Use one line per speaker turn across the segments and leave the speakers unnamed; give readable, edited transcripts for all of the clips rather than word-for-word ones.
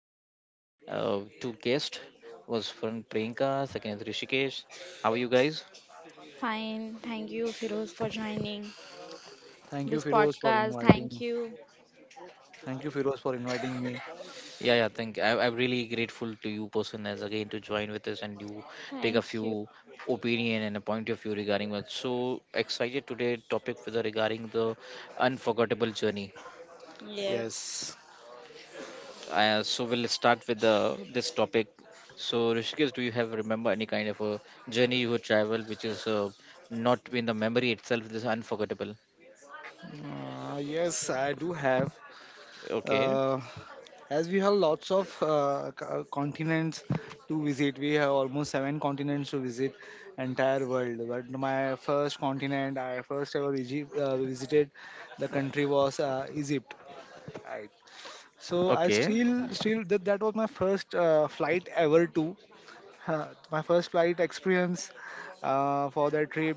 with me. Two guests was friend Priyanka, second is Rishikesh. How are you guys?
Fine. Thank you, Firoz, for joining
Thank you,
this
Firoz, for
podcast. Thank
inviting.
you.
Thank you, Firoz, for inviting me.
Yeah, yeah. Thank. I'm really grateful to you, person, as again to join with us and you take a
Thank you.
few opinion and a point of view regarding what. So excited today topic with the regarding the unforgettable journey.
Yes.
Yes,
So we'll start with the this topic. So Rishikesh, do you have remember any kind of a journey you have traveled which is not in the memory itself, this is unforgettable?
yes, I do have.
Okay,
Uh, as we have lots of continents to visit, we have almost seven continents to visit, entire world. But my first continent, I first ever Egypt, visited, the country was Egypt. Right. So I
okay,
still that was my first flight ever too. My first flight experience for that trip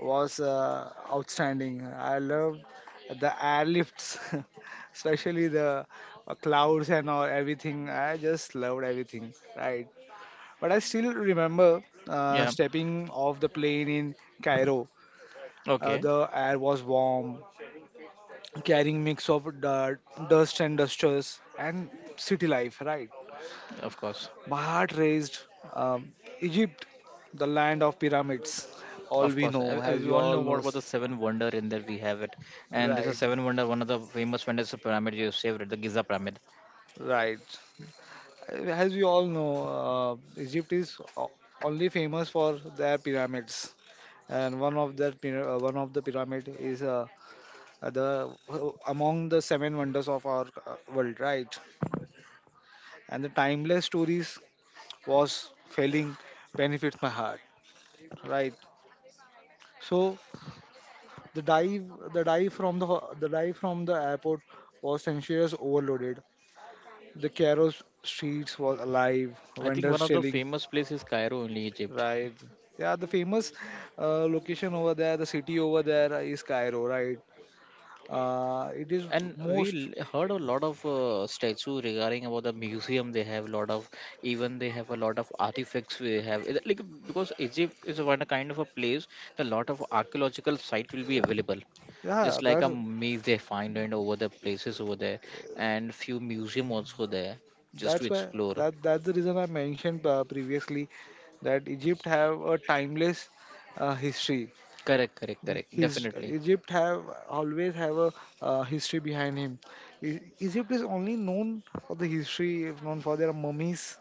was outstanding. I love the airlifts, especially the clouds and all everything. I just loved everything, right? But I still remember
yeah,
stepping off the plane in Cairo.
okay,
The air was warm, carrying mix of dirt, dust and dusters, and city life, right?
of course,
My heart raised. Um, Egypt, the land of pyramids, all
of
we
course. Uh,
know,
uh,
as
we
we
all
all
know what
know,
about the seven wonder in there we have it, and this is
right?
seven wonder one of the famous wonders of pyramid you have saved it, the Giza pyramid.
Right. As we all know, Egypt is only famous for their pyramids, and one of that one of the pyramid is the among the seven wonders of our world, right? And the timeless stories was failing benefits my heart, right? So the dive the dive from the airport was sensuous overloaded. The Cairo streets was alive,
I think
vendors
one of the
selling.
famous places is Cairo in Egypt.
Right. Yeah, the famous location over there, the city over there is Cairo, right? It is
And we
most.
heard a lot of statue regarding about the museum, they have a lot of, even they have a lot of artifacts we have, like, because Egypt is one a kind of a place, the lot of archaeological site will be available,
Yeah.
just like a maze they find and over the places over there, and few museum also there just to
That's why
explore.
that that's the reason I mentioned previously that Egypt have a timeless history.
Correct, correct, correct.
His
Definitely.
Egypt have always have a history behind him. Egypt is only known for the history, known for their mummies.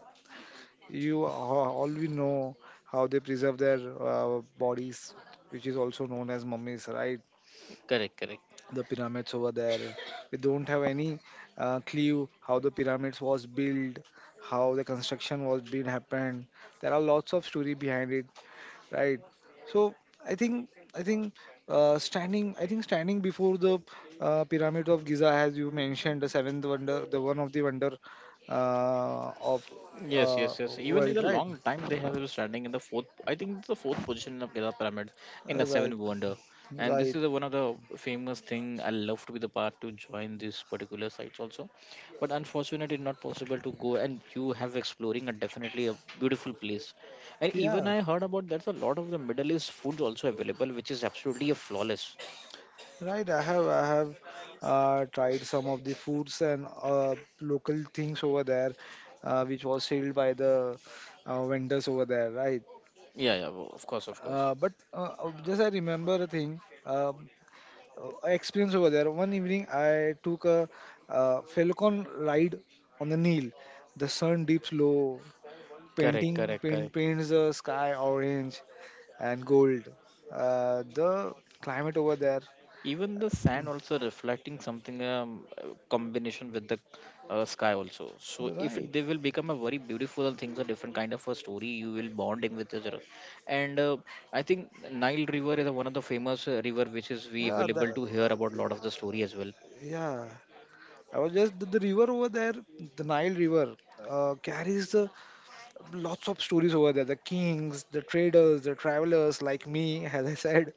You all we know how they preserve their bodies, which is also known as mummies, right?
Correct, correct.
The pyramids over there. We don't have any clue how the pyramids was built, how the construction was being happened. There are lots of story behind it, right? So I think I think I think standing before the pyramid of Giza, as you mentioned, the seventh wonder, the one of the wonder of
Yes, yes,
uh,
yes. Even in
world,
the
right?
long time, they have been standing in the fourth. I think it's the fourth position of the pyramid in
Uh,
a
Right,
seven wonder. And this
right,
is the one of the famous thing. I love to be the part to join these particular sites also, but unfortunately, it's not possible to go. And you have exploring a definitely a beautiful place. And even
yeah,
I heard about there's a lot of the Middle East food also available, which is absolutely a flawless.
right. I have tried some of the foods and local things over there, which was sold by the vendors over there, right?
Yeah, yeah. Of course, of course.
But just I remember a thing, experience over there. One evening, I took a Falcon ride on the Nile. The sun dips low,
Correct, correct, correct.
paints the sky orange and gold. The climate over there.
Even the sand also reflecting something, combination with the sky also, so if it
Right.
they will become a very beautiful things, a different kind of a story you will bonding with each other. And I think Nile River is one of the famous river which is we
Yeah. The,
available to hear about lot of the story as well.
yeah. I was just the river over there, the Nile River, carries lots of stories over there. The kings, the traders, the travelers like me, as I said,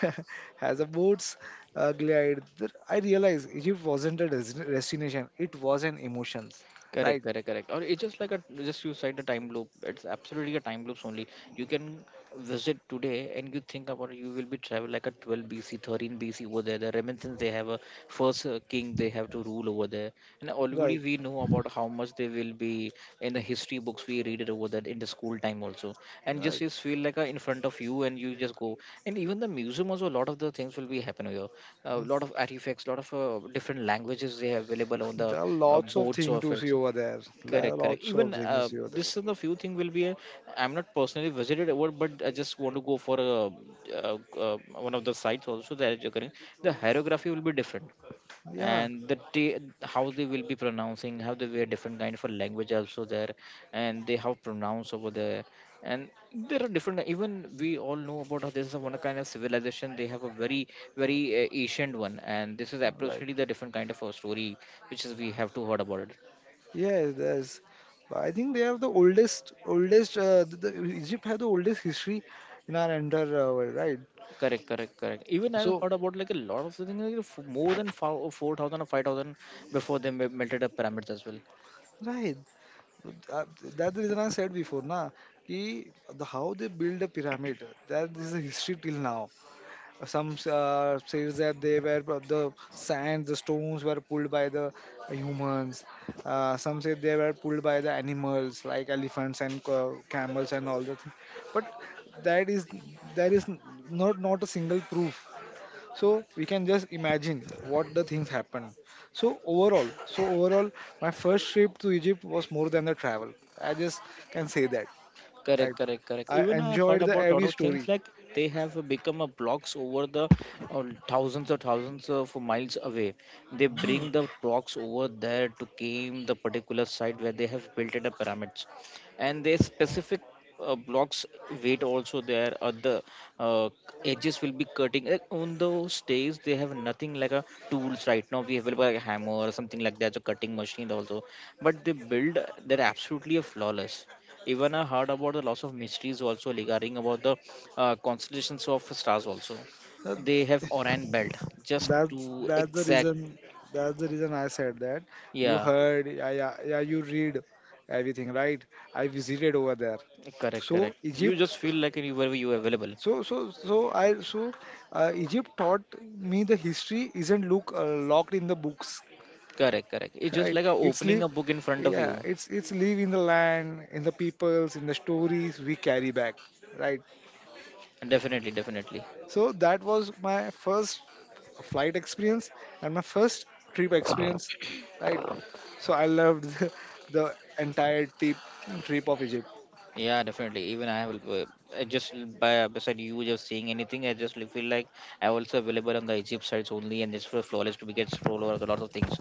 as a boats glide. That I realized Egypt wasn't a destination; it was an emotions.
Correct,
Right.
correct, correct. Or it's just like a just you said a time loop. It's absolutely a time loops only. You can visit today and you think about it, you will be travel like a 12 BC, 13 BC over there. The Renaissance they have a first king they have to rule over there, and already
Right.
we know about how much they will be in the history books we read it over that in the school time also. And just
Right.
you feel like in front of you and you just go. And even the museum also a lot of the things will be happening here. A lot of artifacts, lot of different languages they have available on the
There are lots of
boards
things
of
to see
it.
over there. There are
Correct, correct.
lots of
Even
things to see over there.
this is the few thing will be. I am not personally visited over, but I just want to go for a, one of the sites also that is occurring. The hierography will be different,
Yeah.
and the how they will be pronouncing, how they were different kind of a language also there, and they have pronouns over there, and there are different. Even we all know about how this is a one kind of civilization. They have a very very ancient one, and this is
Right.
approximately the different kind of a story which is we have to heard about it.
Yes, yes. But I think they are the oldest. The Egypt has the oldest history in our entire world, right?
Correct, correct, correct. Even I
So,
heard about like a lot of things, like more than 4,000 or 5,000 before they melted the pyramids as well.
right. Uh, that's the reason I said before, na, ki the how they build a pyramid. That is a history till now. Some says that they were the sands, the stones were pulled by the humans. Some say they were pulled by the animals like elephants and camels and all that. But that is there is not, not a single proof. So we can just imagine what the things happened. So overall, my first trip to Egypt was more than the travel. I just can say that. I
Correct, correct, correct.
I
Even I heard
enjoyed the
about a lot
every
of
story.
things like they have become a blocks over the uh, thousands or thousands of miles away. They
Hmm.
bring the blocks over there to came the particular site where they have built it a pyramids, and they specific blocks weight also there. Or the uh, edges will be cutting. Like, on those days they have nothing like a tools right now. We have like a hammer or something like that, so cutting machine also. But they build, they're absolutely a flawless. Even I heard about the loss of mysteries also regarding about the constellations of stars also.
Uh,
They have Orion belt just
That's
to
that's the
exact.
reason. That's the reason I said that. You
Yeah,
heard, yeah, yeah, yeah, you read everything, right? I visited over there.
correct,
So
correct. You
Egypt,
just feel like you were you available.
so so so I so Egypt taught me the history isn't look locked in the books,
Correct, correct. It's just
right?
like a
It's
opening
live,
a book in front of
yeah,
you.
it's live in the land, in the peoples, in the stories we carry back, right?
Definitely, definitely.
So that was my first flight experience and my first trip experience, right? So I loved the entire trip of Egypt.
Yeah, definitely. Even I will I just by beside you just seeing anything, I just feel like I also available on the Egypt sites only, and just for flawless to be get scroll over a lot of things.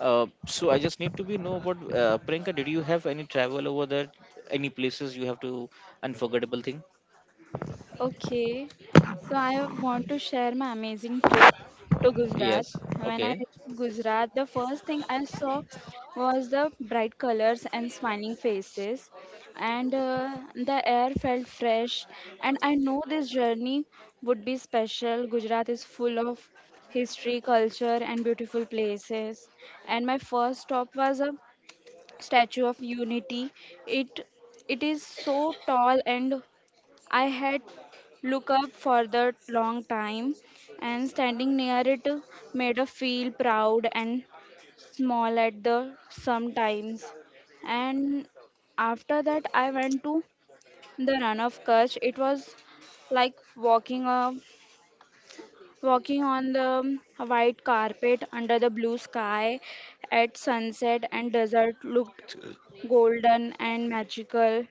So I just need to be know about Priyanka. Did you have any travel over there? Any places you have to unforgettable thing?
Okay, so I want to share my amazing trip to Gujarat.
Yes.
When I
Okay.
reached Gujarat, the first thing I saw was the bright colors and smiling faces, and the air felt fresh. And I know this journey would be special. Gujarat is full of history, culture, and beautiful places. And my first stop was a Statue of Unity. It it is so tall, and I had looked up for the long time, and standing near it made her feel proud and small at the sometimes. And after that, I went to the run of course. It was like walking on the white carpet under the blue sky at sunset, and desert looked golden and magical.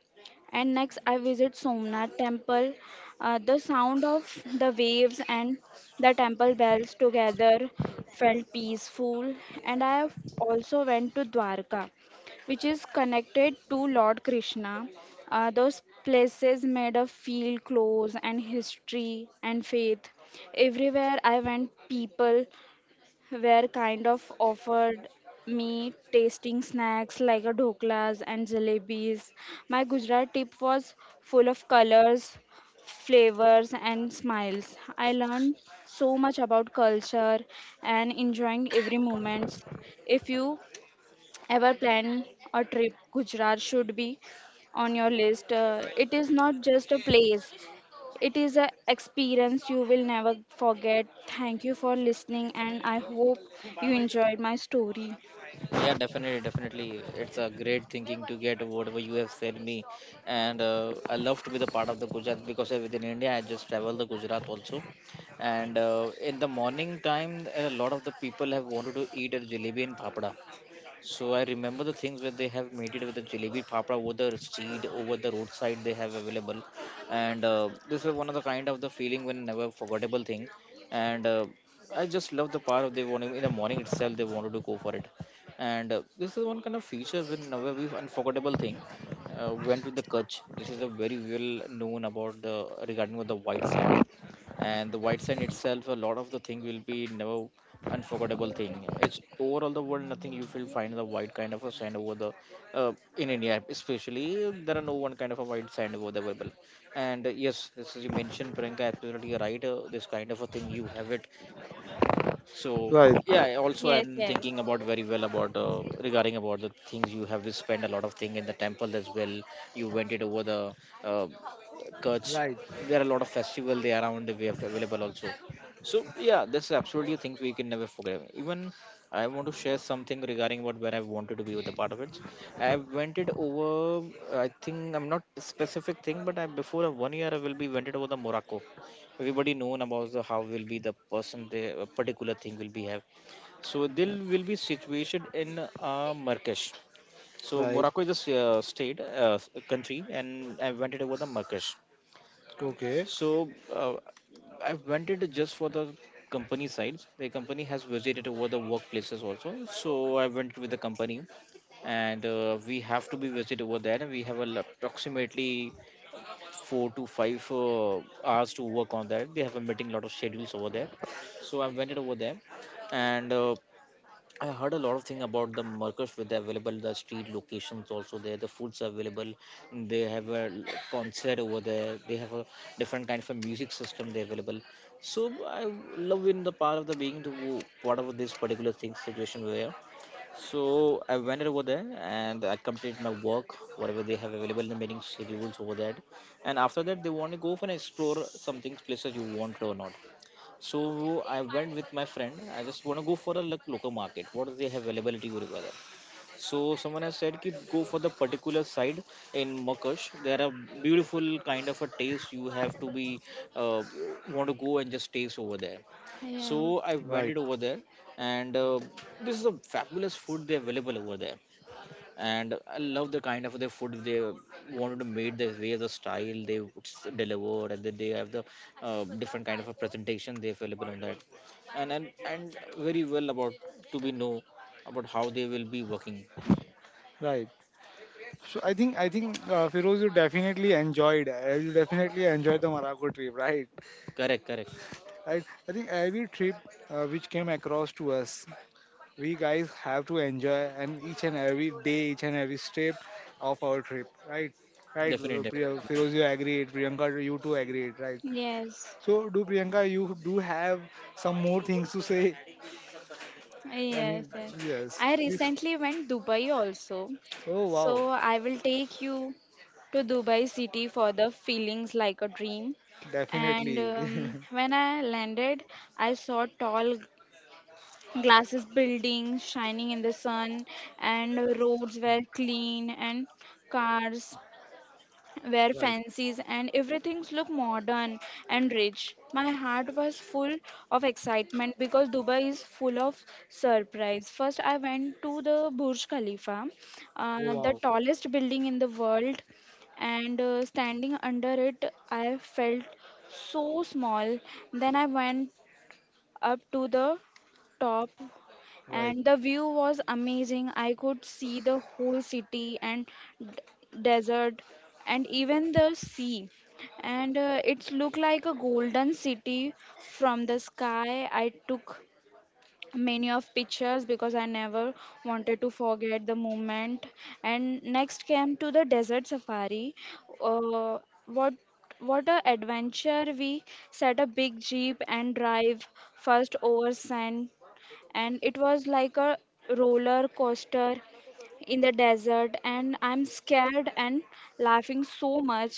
And next, I visit Somnath temple. The sound of the waves and the temple bells together felt peaceful. And I have also went to Dwarka, which is connected to Lord Krishna. Those places made us feel close and history and faith. Everywhere I went, people were kind of offered me tasting snacks like a dhoklas and jalebis. My Gujarat trip was full of colors, flavors, and smiles. I learned so much about culture and enjoying every moment. If you ever plan a trip, Gujarat should be on your list. It is not just a place, it is an experience you will never forget. Thank you for listening, and I hope you enjoyed my story.
Yeah, definitely, definitely. It's a great thinking to get whatever you have said me, and I love to be the part of the Gujarat, because within India I just travel the Gujarat also, and in the morning time a lot of the people have wanted to eat a jalebi and papada, so I remember the things where they have made it with the jalebi papra over the street, over the roadside they have available, and this was one of the kind of the feeling when never forgettable thing, and I just love the part of they wanted in the morning itself they wanted to go for it, and this is one kind of feature when never we unforgettable thing. Went to the Kutch. This is a very well known about the regarding with the white sand, and the white sand itself a lot of the thing will be never unforgettable thing, it's overall the world nothing you will find the white kind of a sand over the in India especially, there are no one kind of a white sand over there available. And yes, this is, you mentioned prank, absolutely right. Uh, this kind of a thing you have it. So
Right,
yeah, I also
Yes,
I'm
yes.
thinking about very well about regarding about the things you have spent a lot of thing in the temple as well. You went it over the uh, Kutch.
Right,
There are a lot of festival they around we have available also. So yeah, this is absolutely things we can never forget. Even I want to share something regarding what where I wanted to be with the part of it. I went it over. I think I'm not specific thing, but I before one year I will be went it over the Morocco, everybody known about the how will be the person the a particular thing will be have, so they will be situated in Marrakesh. So
right.
Morocco is a state, country, and I went it over the Marrakesh.
Okay,
So uh, I went it just for the company side, the company has visited over the workplaces also, so I went with the company, and we have to be visited over there, and we have a approximately four to five hours to work on that. They have a meeting, lot of schedules over there. So I went it over there, and I heard a lot of thing about the markets with the available, the street locations also there, the foods available. They have a concert over there. They have a different kind of a music system they available. So I love in the part of the being to whatever this particular thing situation were. So I went over there and I completed my work, whatever they have available in the meeting schedules over that. And after that, they want to go for and explore something places you want or not. So I went with my friend. I just want to go for a, like, local market. What is the availability over there? So someone has said ki go for the particular side in Makash. There are beautiful kind of a taste you have to be uh, want to go and just taste over there.
Yes.
So I went
right,
it over there, and this is a fabulous food they available over there. And I love the kind of the food they wanted to made the way the style they would deliver, and then they have the different kind of a presentation they available on that, and very well about to be know about how they will be working.
right. So I think Feroz, you definitely enjoyed. You definitely enjoyed the Morocco trip, right?
Correct, correct.
Right. I think every trip which came across to us, we guys have to enjoy and each and every day, each and every step of our trip, right? Right,
Definitely.
Firoz, you agree it. Priyanka, you too agree it, right?
Yes,
So, do Priyanka, you do have some more things to say? I
yes,
mean,
yes.
yes,
I
this.
recently went Dubai also.
Oh wow,
So I will take you to Dubai city for the feelings like a dream. And
definitely.
when I landed, I saw tall Glasses buildings shining in the sun, and roads were clean, and cars were
Right.
fancies, and everything looked modern and rich. My heart was full of excitement because Dubai is full of surprise. First, I went to the Burj Khalifa,
Oh
the
wow.
tallest building in the world, and standing under it, I felt so small. Then I went up to the top,
Right.
and the view was amazing. I could see the whole city and desert and even the sea. And it looked like a golden city from the sky. I took many of pictures because I never wanted to forget the moment. And next came to the desert safari. Uh, what what a adventure! We set a big jeep and drive first over sand, and it was like a roller coaster in the desert, and I'm scared and laughing so much.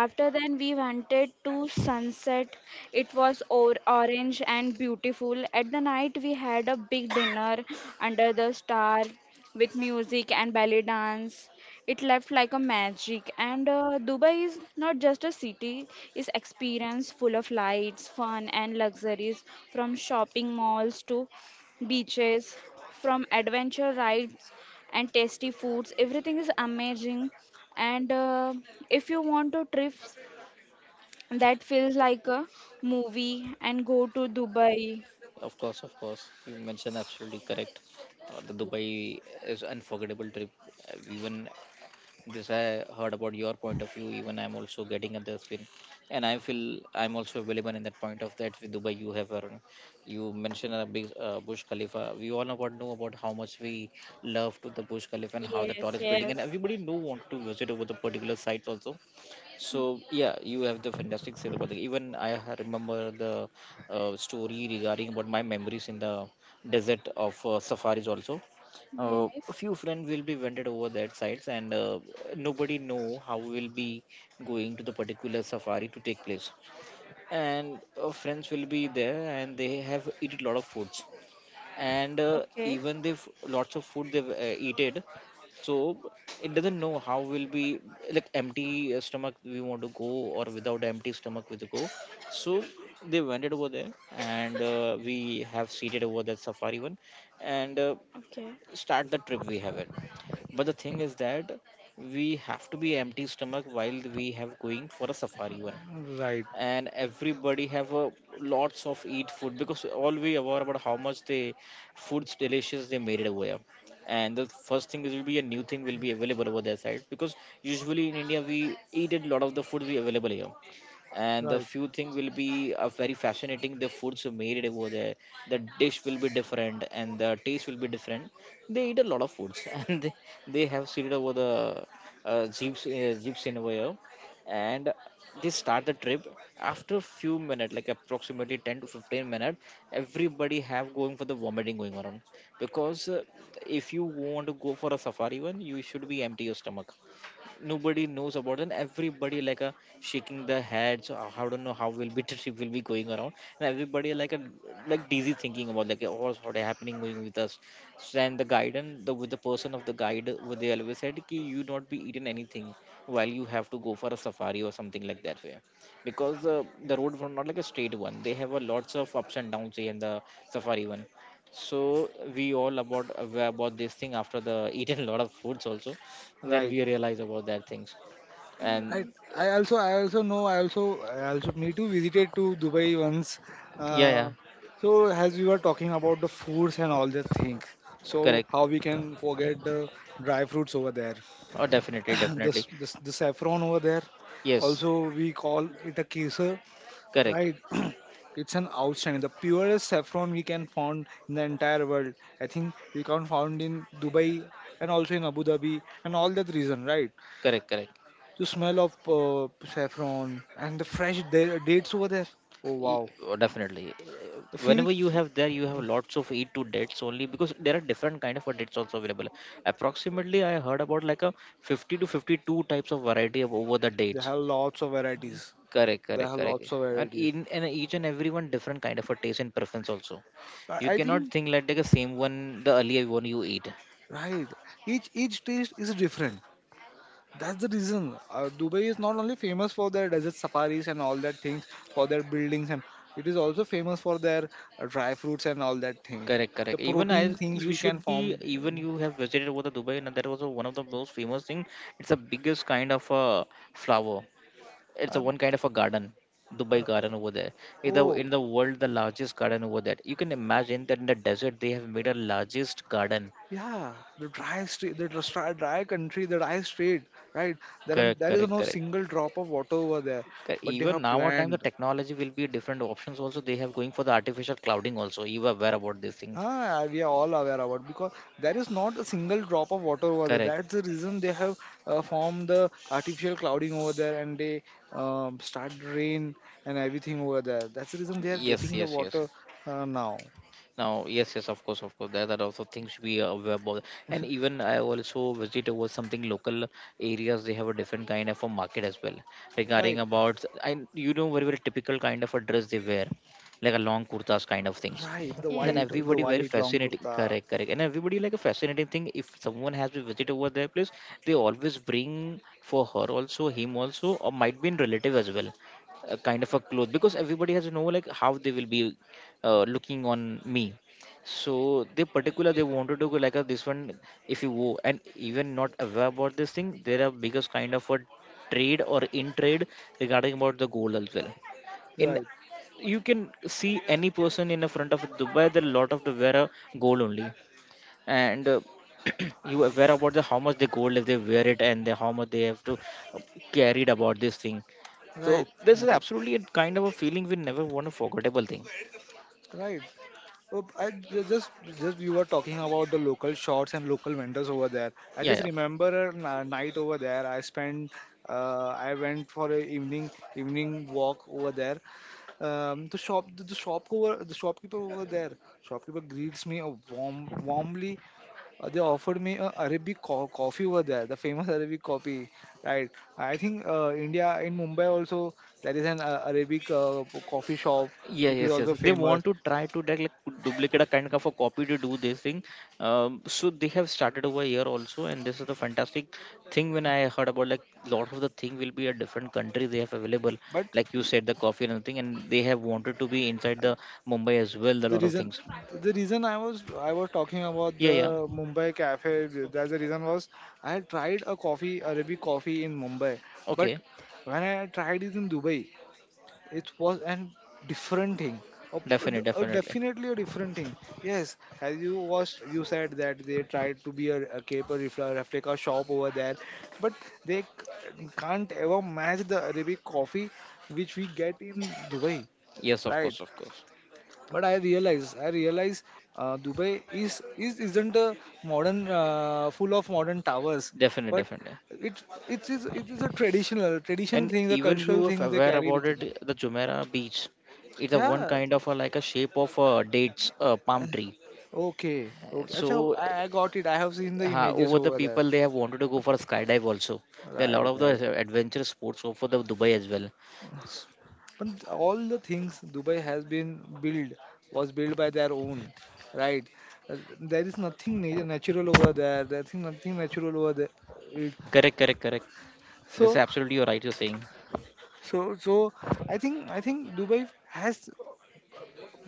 After then we wanted to sunset, it was orange and beautiful. At the night we had a big dinner under the star with music and belly dance. It left like a magic. And Dubai is not just a city, it's experience full of lights, fun, and luxuries, from shopping malls to beaches, from adventure rides and tasty foods. Everything is amazing. And if you want to trip that feels like a movie, and go to Dubai.
Of course, of course. You mentioned absolutely correct. The Dubai is unforgettable trip. Even this I heard about your point of view. Even I'm also getting at this win, and I feel I'm also available in that point of that with Dubai. You have Arun. You mentioned a big Bush Khalifa. We all know about how much we love to the Bush Khalifa and how the
Yes,
tallest building,
yes,
and everybody know want to visit over the particular sites also. So yeah, you have the fantastic said about the even remember the story regarding about my memories in the desert of safaris also. Uh,
yes.
a few friends will be wended over that sites and nobody know how we'll be going to the particular safari to take place. And friends will be there and they have eaten a lot of foods and
Okay,
even if lots of food they've eaten, so it doesn't know how will be like empty stomach we want to go or without empty stomach we to go, so they went it over there and we have seated over that safari one and
okay.
start the trip we have it. But the thing is that we have to be empty stomach while we have going for a safari one,
Right,
and everybody have a lots of eat food because all we aware about how much the food's delicious they made it over here. And the first thing is will be a new thing will be available over their side because usually in india we eat a lot of the food we available here, and the
right,
few thing will be very fascinating the foods are made over there. The dish will be different and the taste will be different. They eat a lot of foods and they have seen over the jeeps in over here, and they start the trip. After a few minutes like approximately 10 to 15 minutes everybody have going for the vomiting going around, because if you want to go for a safari one you should be empty your stomach. Nobody knows about and everybody like a shaking their heads, I don't know how will be trip will be going around, and everybody like a like dizzy thinking about like, oh, what happening going with us. So, then the guide and the with the person of the guide they always said ki you not be eating anything while you have to go for a safari or something like that way, because the road were not like a straight one, they have a lots of ups and downs in the safari one. So we all about aware about this thing after the eating a lot of foods also, then
right.
we realize about that things. And
I I also know I also me too visited to Dubai once.
yeah, yeah,
Uh, so as we were talking about the foods and all the things, so
correct.
how we can forget the dry fruits over there,
Oh, definitely, definitely.
this the saffron over there.
Yes,
Also we call it a kesar,
correct,
right? it's an outstanding, the purest saffron we can found in the entire world. I think we can found in Dubai and also in Abu Dhabi and all that reason, right?
correct, correct.
The smell of saffron and the fresh dates over there. Oh
Y-
wow!
oh, definitely.
I feel
Whenever you have there, you have lots of eight to dates only because there are different kind of dates also available. Approximately, I heard about like a 50 to 52 types of variety of over the
they
dates.
have lots of varieties.
Correct,
They
correct,
have
correct.
lots of
And
varieties.
in and each and everyone different kind of a taste and preference also. You
I, I
cannot
think
think like the same one the earlier one you eat.
right. Each taste is different. That's the reason Dubai is not only famous for their desert safaris and all that things, for their buildings, and it is also famous for their dry fruits and all that things.
Correct,
The
correct. Even
protein
as
things
you
we can
should be.
form.
Even you have visited over the Dubai, and that was a one of the most famous thing. It's the biggest kind of a flower. It's a
Uh,
one kind of a garden, Dubai
uh,
garden over there. In the
oh,
in the world, the largest garden over there. You can imagine that in the desert they have made a largest garden.
Yeah, the dry street, the dry country, the dry street, right? There are
Correct,
there is
correct,
no
correct.
single drop of water over there,
Correct.
but they
Even
have
now, our time the
planned.
technology will be different options. Also, they have going for the artificial clouding. Also, you are aware about this thing.
Ah, we are all aware about because there is not a single drop of water over there.
Correct.
That's the reason they have formed the artificial clouding over there, and they start rain and everything over there. That's the reason they are
Yes,
getting the
yes, yes,
water
yes.
now,
Now, yes, yes, of course, of course. There are also things we are aware about. And even I also visited was something local areas, they have a different kind of a market as well. Regarding
right?
about, I you know, very, very typical kind of a dress they wear, like a long kurtas kind of things.
Right,
Then
Yes,
the
everybody very
white long
fascinating,
kurta,
correct, correct. And everybody like a fascinating thing. If someone has to visit over their place, they always bring for her also, him also, or might be in relative as well a kind of a clothes because everybody has to know like how they will be looking on me, so they particular they wanted to go like a, this one. If you go and even not aware about this thing there are biggest kind of a trade or in trade regarding about the gold as well. In,
right,
you can see any person in the front of Dubai there are lot of the wear a gold only, and you aware about the how much they gold if they wear it and the, how much they have to uh, carried about this thing. So
right,
this is
right,
absolutely a kind of a feeling we never want to forgettable thing.
right. Oh, I ju- just you were talking about the local shops and local vendors over there. I
Yeah,
just
yeah.
remember a night over there. I spent I went for a evening walk over there. The shopkeeper over there. Shopkeeper greets me a warmly. They offered me a Arabic coffee over there, the famous Arabic coffee, right? I think India in Mumbai also there is an Arabic coffee shop
Yeah,
which is
yes, yes.
also
They
famous.
want to try to take like duplicate a kind of a copy to do this thing. So they have started over here also, and this is the fantastic thing. When I heard about like lot of the thing will be a different country they have available,
But
like you said, the coffee and everything, and they have wanted to be inside the Mumbai as well. The
the
lot of
reason
things.
the reason I was talking about
Yeah,
the
yeah.
Mumbai cafe, that's the reason was I had tried a coffee, Arabic coffee in Mumbai, but
Okay,
when I tried it in Dubai, it was an different thing, a,
definitely, definitely.
definitely a different thing. Yes, as you was you said that they tried to be a cape a refle- replica shop over there, but they can't ever match the Arabic coffee which we get in Dubai,
Yes, of
right?
course, of course.
But I realize Dubai is isn't a modern, full of modern towers,
Definitely,
but
definitely.
it it is a traditional
And
thing, the
even
cultural
you if
things they
aware
carry with
about
them.
it the Jumeirah beach, it's a one
Yeah.
kind of a, like a shape of a dates palm tree.
Okay. Okay. Acha,
So
I got it. I have seen the images
over the
over there.
people they have wanted to go for a skydive also. There are a lot
Right.
of
Right.
the adventure sports go for the Dubai as well.
But all the things Dubai has been built was built by their own. Right. There is nothing natural over there. There is nothing natural over there. It,
Correct, correct, correct. This is
so.
absolutely you're right you're saying.
So, I think Dubai has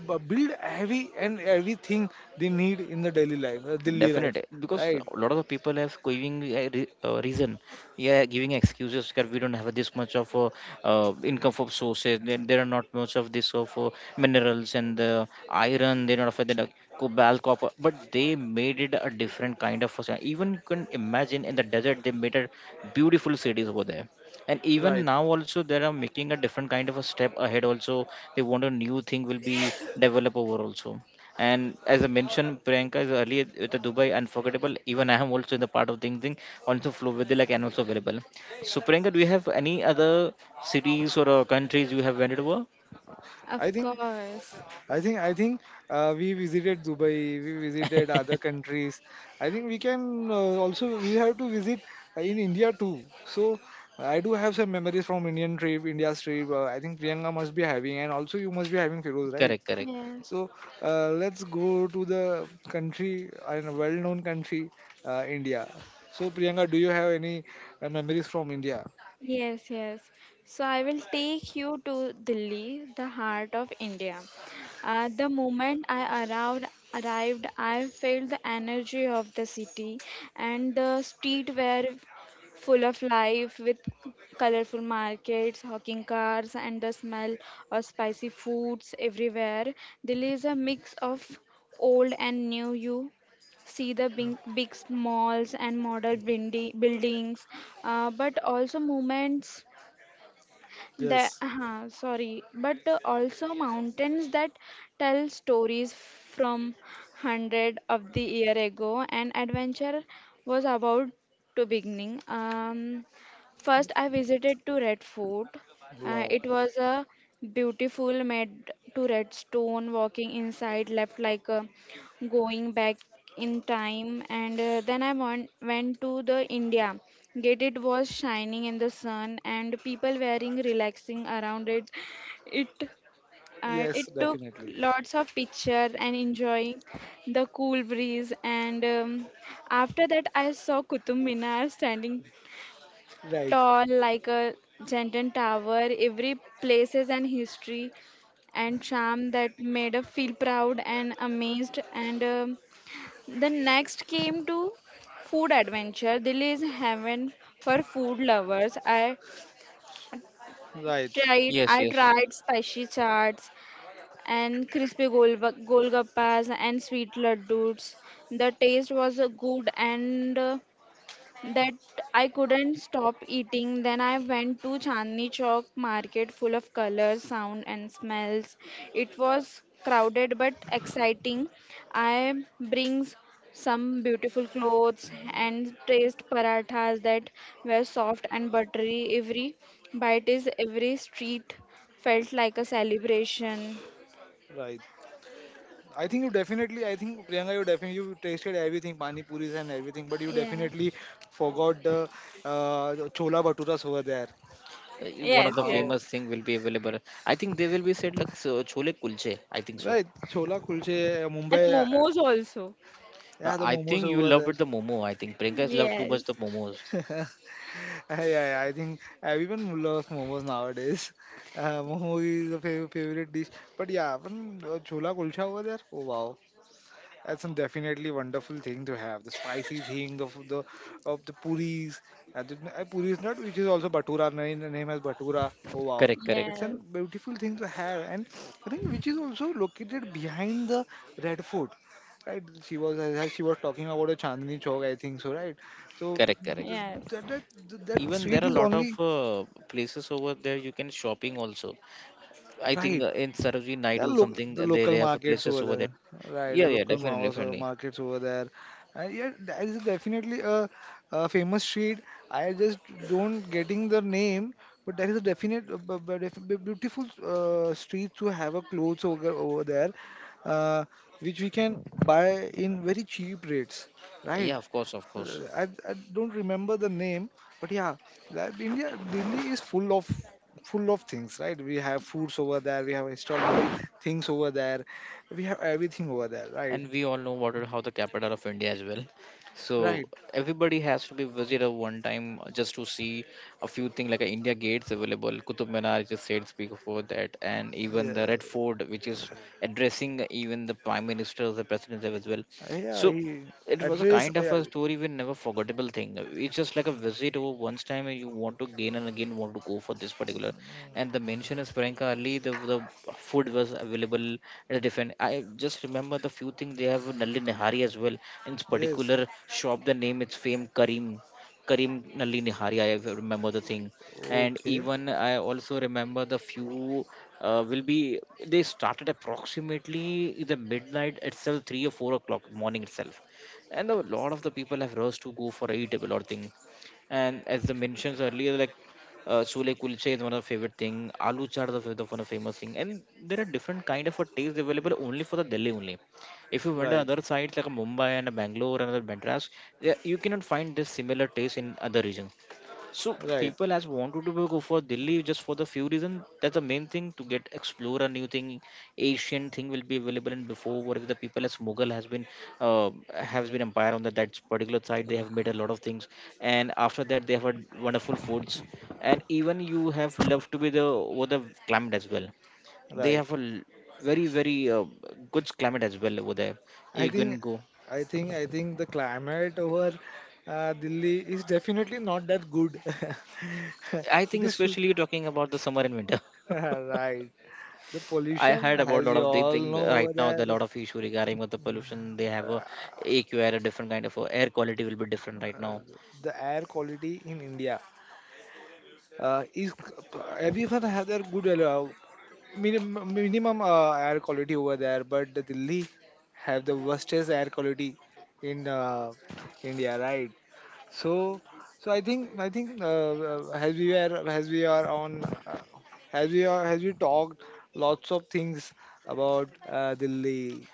built heavy and everything they need in the daily life, Delhi life,
Definitely, because
right?
a lot of the people have giving a reason, yeah, giving excuses that we don't have this much of income from sources. There are not much of this of minerals and iron. They don't have the cobalt, copper, but they made it a different kind of. Even you can imagine in the desert, they made a beautiful cities over there. And even
Right.
now also, they are making a different kind of a step ahead. Also, they want a new thing will be developed over also. And as I mentioned, Priyanka is earlier with the Dubai Unforgettable. Even I am also in the part of Ding Ding, also flow with the like and also available. So Priyanka, do you have any other cities or countries you have went over?
I
of
think
course.
I think we visited Dubai, we visited other countries. I think we can also we have to visit in India too. So I do have some memories from Indian trip, India's trip. I think Priyanka must be having, and also you must be having Feroz, right?
Correct, correct.
Yes.
So let's go to the country and a well-known country, India. So Priyanka, do you have any memories from India?
Yes, yes. So I will take you to Delhi, the heart of India. The moment I arrived, I felt the energy of the city, and the streets were full of life with colorful markets, hawking cars, and the smell of spicy foods everywhere. Delhi is a mix of old and new. You see the big, big malls and model buildings, but also movements that
Yes.
sorry but also mountains that tell stories from 100 of the year ago, and adventure was about to beginning. First I visited to red fort.
Wow.
It was a beautiful made to red stone. Walking inside left like a going back in time. And then went to the India get. It was shining in the sun and people wearing relaxing around it. It
Yes,
it took
definitely.
lots of picture and enjoying the cool breeze. And after that I saw kutub minar standing
Right.
tall like a giant tower. Every places and history and charm that made us feel proud and amazed. And the next came to food adventure. Delhi is heaven for food lovers. I
Right.
tried
Yes,
I
yes.
tried spicy chaats and crispy golgappas and sweet laddus. The taste was good, and that I couldn't stop eating. Then I went to Chandni Chowk market, full of colors, sound, and smells. It was crowded but exciting. I brings some beautiful clothes and taste parathas that were soft and buttery. Every bite is Every street felt like a celebration.
Right. I think you definitely, I think Priyanka, you definitely you tasted everything, pani puris and everything, but you
Yeah.
definitely forgot the chola bhaturas over there.
One of
Yes,
the
yes.
How?
famous thing will be available. I think they will be said like so, chole kulche. I think so.
Right, chola kulche, uh,
And
Mumbai, uh,
momos also.
Yeah, the
I
momos
think you
over
love
there.
with the momo. I think Priyanka has loved too much
Yes,
the momos.
Yeah, yeah, I think everyone loves momos nowadays. Momo is a favorite dish. But yeah, even chola kulcha over there. Oh wow, that's some definitely wonderful thing to have. The spicy thing of the puris. And the, puris not which is also batura. The name as batura. Oh wow,
Correct, correct,
it's a
yes,
beautiful thing to have. And I think which is also located behind the Red Fort. Right, she was as she was talking about a Chandni Chowk, I think so, right? So
correct,
th-
correct.
yes.
that that
Even there
street
are a
is
lot
only
of places over there you can shopping also. I think
right.
in Sarojini
There are
Naidu something
the
uh, they
local
they have
markets over
places over there.
there, right? The
Yeah, yeah,
local
definitely,
ma- so
definitely.
markets over there, and yeah, there is definitely a famous street. I just don't getting the name, but there is a definite, beautiful street to have a clothes over, over there, uh, which we can buy in very cheap rates, right?
Yeah, of course, of course.
Uh, I, I don't remember the name, but yeah, that India Delhi is full of things, right? We have foods over there, we have historical things over there. We have everything over there, right?
And we all know what how the capital of India as well. So
Right.
everybody has to be visited one time just to see a few things like India Gates available, Qutub Minar I just said speak for that, and even the
Yeah.
Red Fort which is addressing even the prime ministers, the presidents as well.
Yeah.
So
He
it was a
address.
kind of
Yeah.
a story we never forgettable thing. It's just like a visit over once time and you want to gain and again want to go for this particular. And the mention is Priyanka Ali. The food was available at a different. I just remember the few things they have Nalli Nihari as well. In its
Yes.
particular shop, the name it's fame Karim. Karim Nalli Nihari. I remember the thing, and
Okay.
even I also remember the few will be they started approximately the midnight itself, 3 or 4 o'clock morning itself, and a lot of the people have rushed to go for a eatable or thing. And as the mentions earlier, like chole kulche is one of the favorite thing. Aloo chaat is the the one of the famous thing. And there are different kind of a taste available only for the Delhi only. If you went to
Right.
other sites like a Mumbai and a Bangalore and other Madras, yeah, you cannot find this similar taste in other regions. So
Right.
people has wanted to go for Delhi just for the few reason. That's the main thing to get explore a new thing. Asian thing will be available in before. Whatever the people as Mughal has been empire on that particular side. They have made a lot of things, and after that they have had wonderful foods, and even you have love to be the over the climate as well. They
Right.
have very very good climate as well over there.
I
You can
think.
go.
I think the climate over Delhi is definitely not that good.
I
It
think
is
especially talking about the summer and winter.
right. The
I
pollution,
heard about a
as
lot
you
of the
all
thing
know
right
over
now.
there,
The lot of issue regarding with the pollution. They have a AQI, a different kind of air quality will be different right now.
the air quality in India is everyone have their good minimum air quality over there, but the Delhi have the worstest air quality in India, right? So, so I think as we are on as we are as we talked lots of things about Delhi,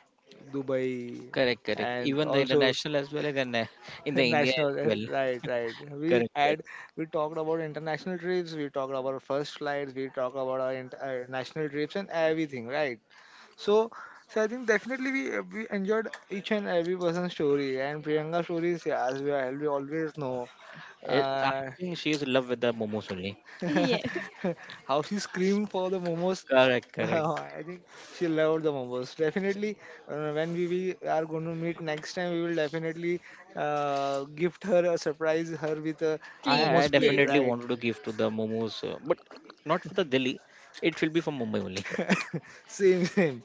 Dubai,
Correct, correct.
and
Even the
also
international as well as in the India as
national
well.
right, right,
Correct, correct.
we talked about international trips, we talked about our first flights, we talked about our national trips and everything, right? So, so I think definitely we enjoyed each and every person's story and Priyanka stories. Yeah, as we always know,
I
uh,
think she is in love with the momos only.
Yes.
how she screamed for the momos.
Correct, correct.
I think she loved the momos. Definitely, when we are going to meet next time, we will definitely gift her a surprise her with a
Please,
I
momos plate.
please.
definitely
Right?
wanted to give to the momos, but not for the Delhi. It will be for Mumbai only.
same, same,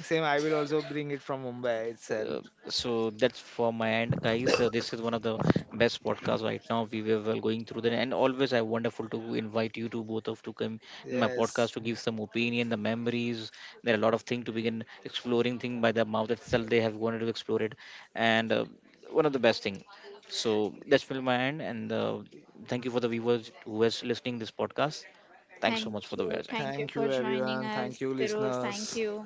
same. I will also bring it from Mumbai itself.
Uh, so that's for my end, guys. This is one of the best podcasts right now. We were well going through that, and always I wonderful to invite you to both of to come in my podcast
Yes.
to give some opinion, the memories. There are a lot of things to begin exploring thing by the mouth itself. They have wanted to explore it, and one of the best thing. So that's from my end, and thank you for the viewers who is listening this podcast. Thanks so much
Thank
for the
you. Thank
viewers.
you
Thank
for
you,
joining
everyone.
us,
Thank you,
Feroz. Thank
listeners.
you.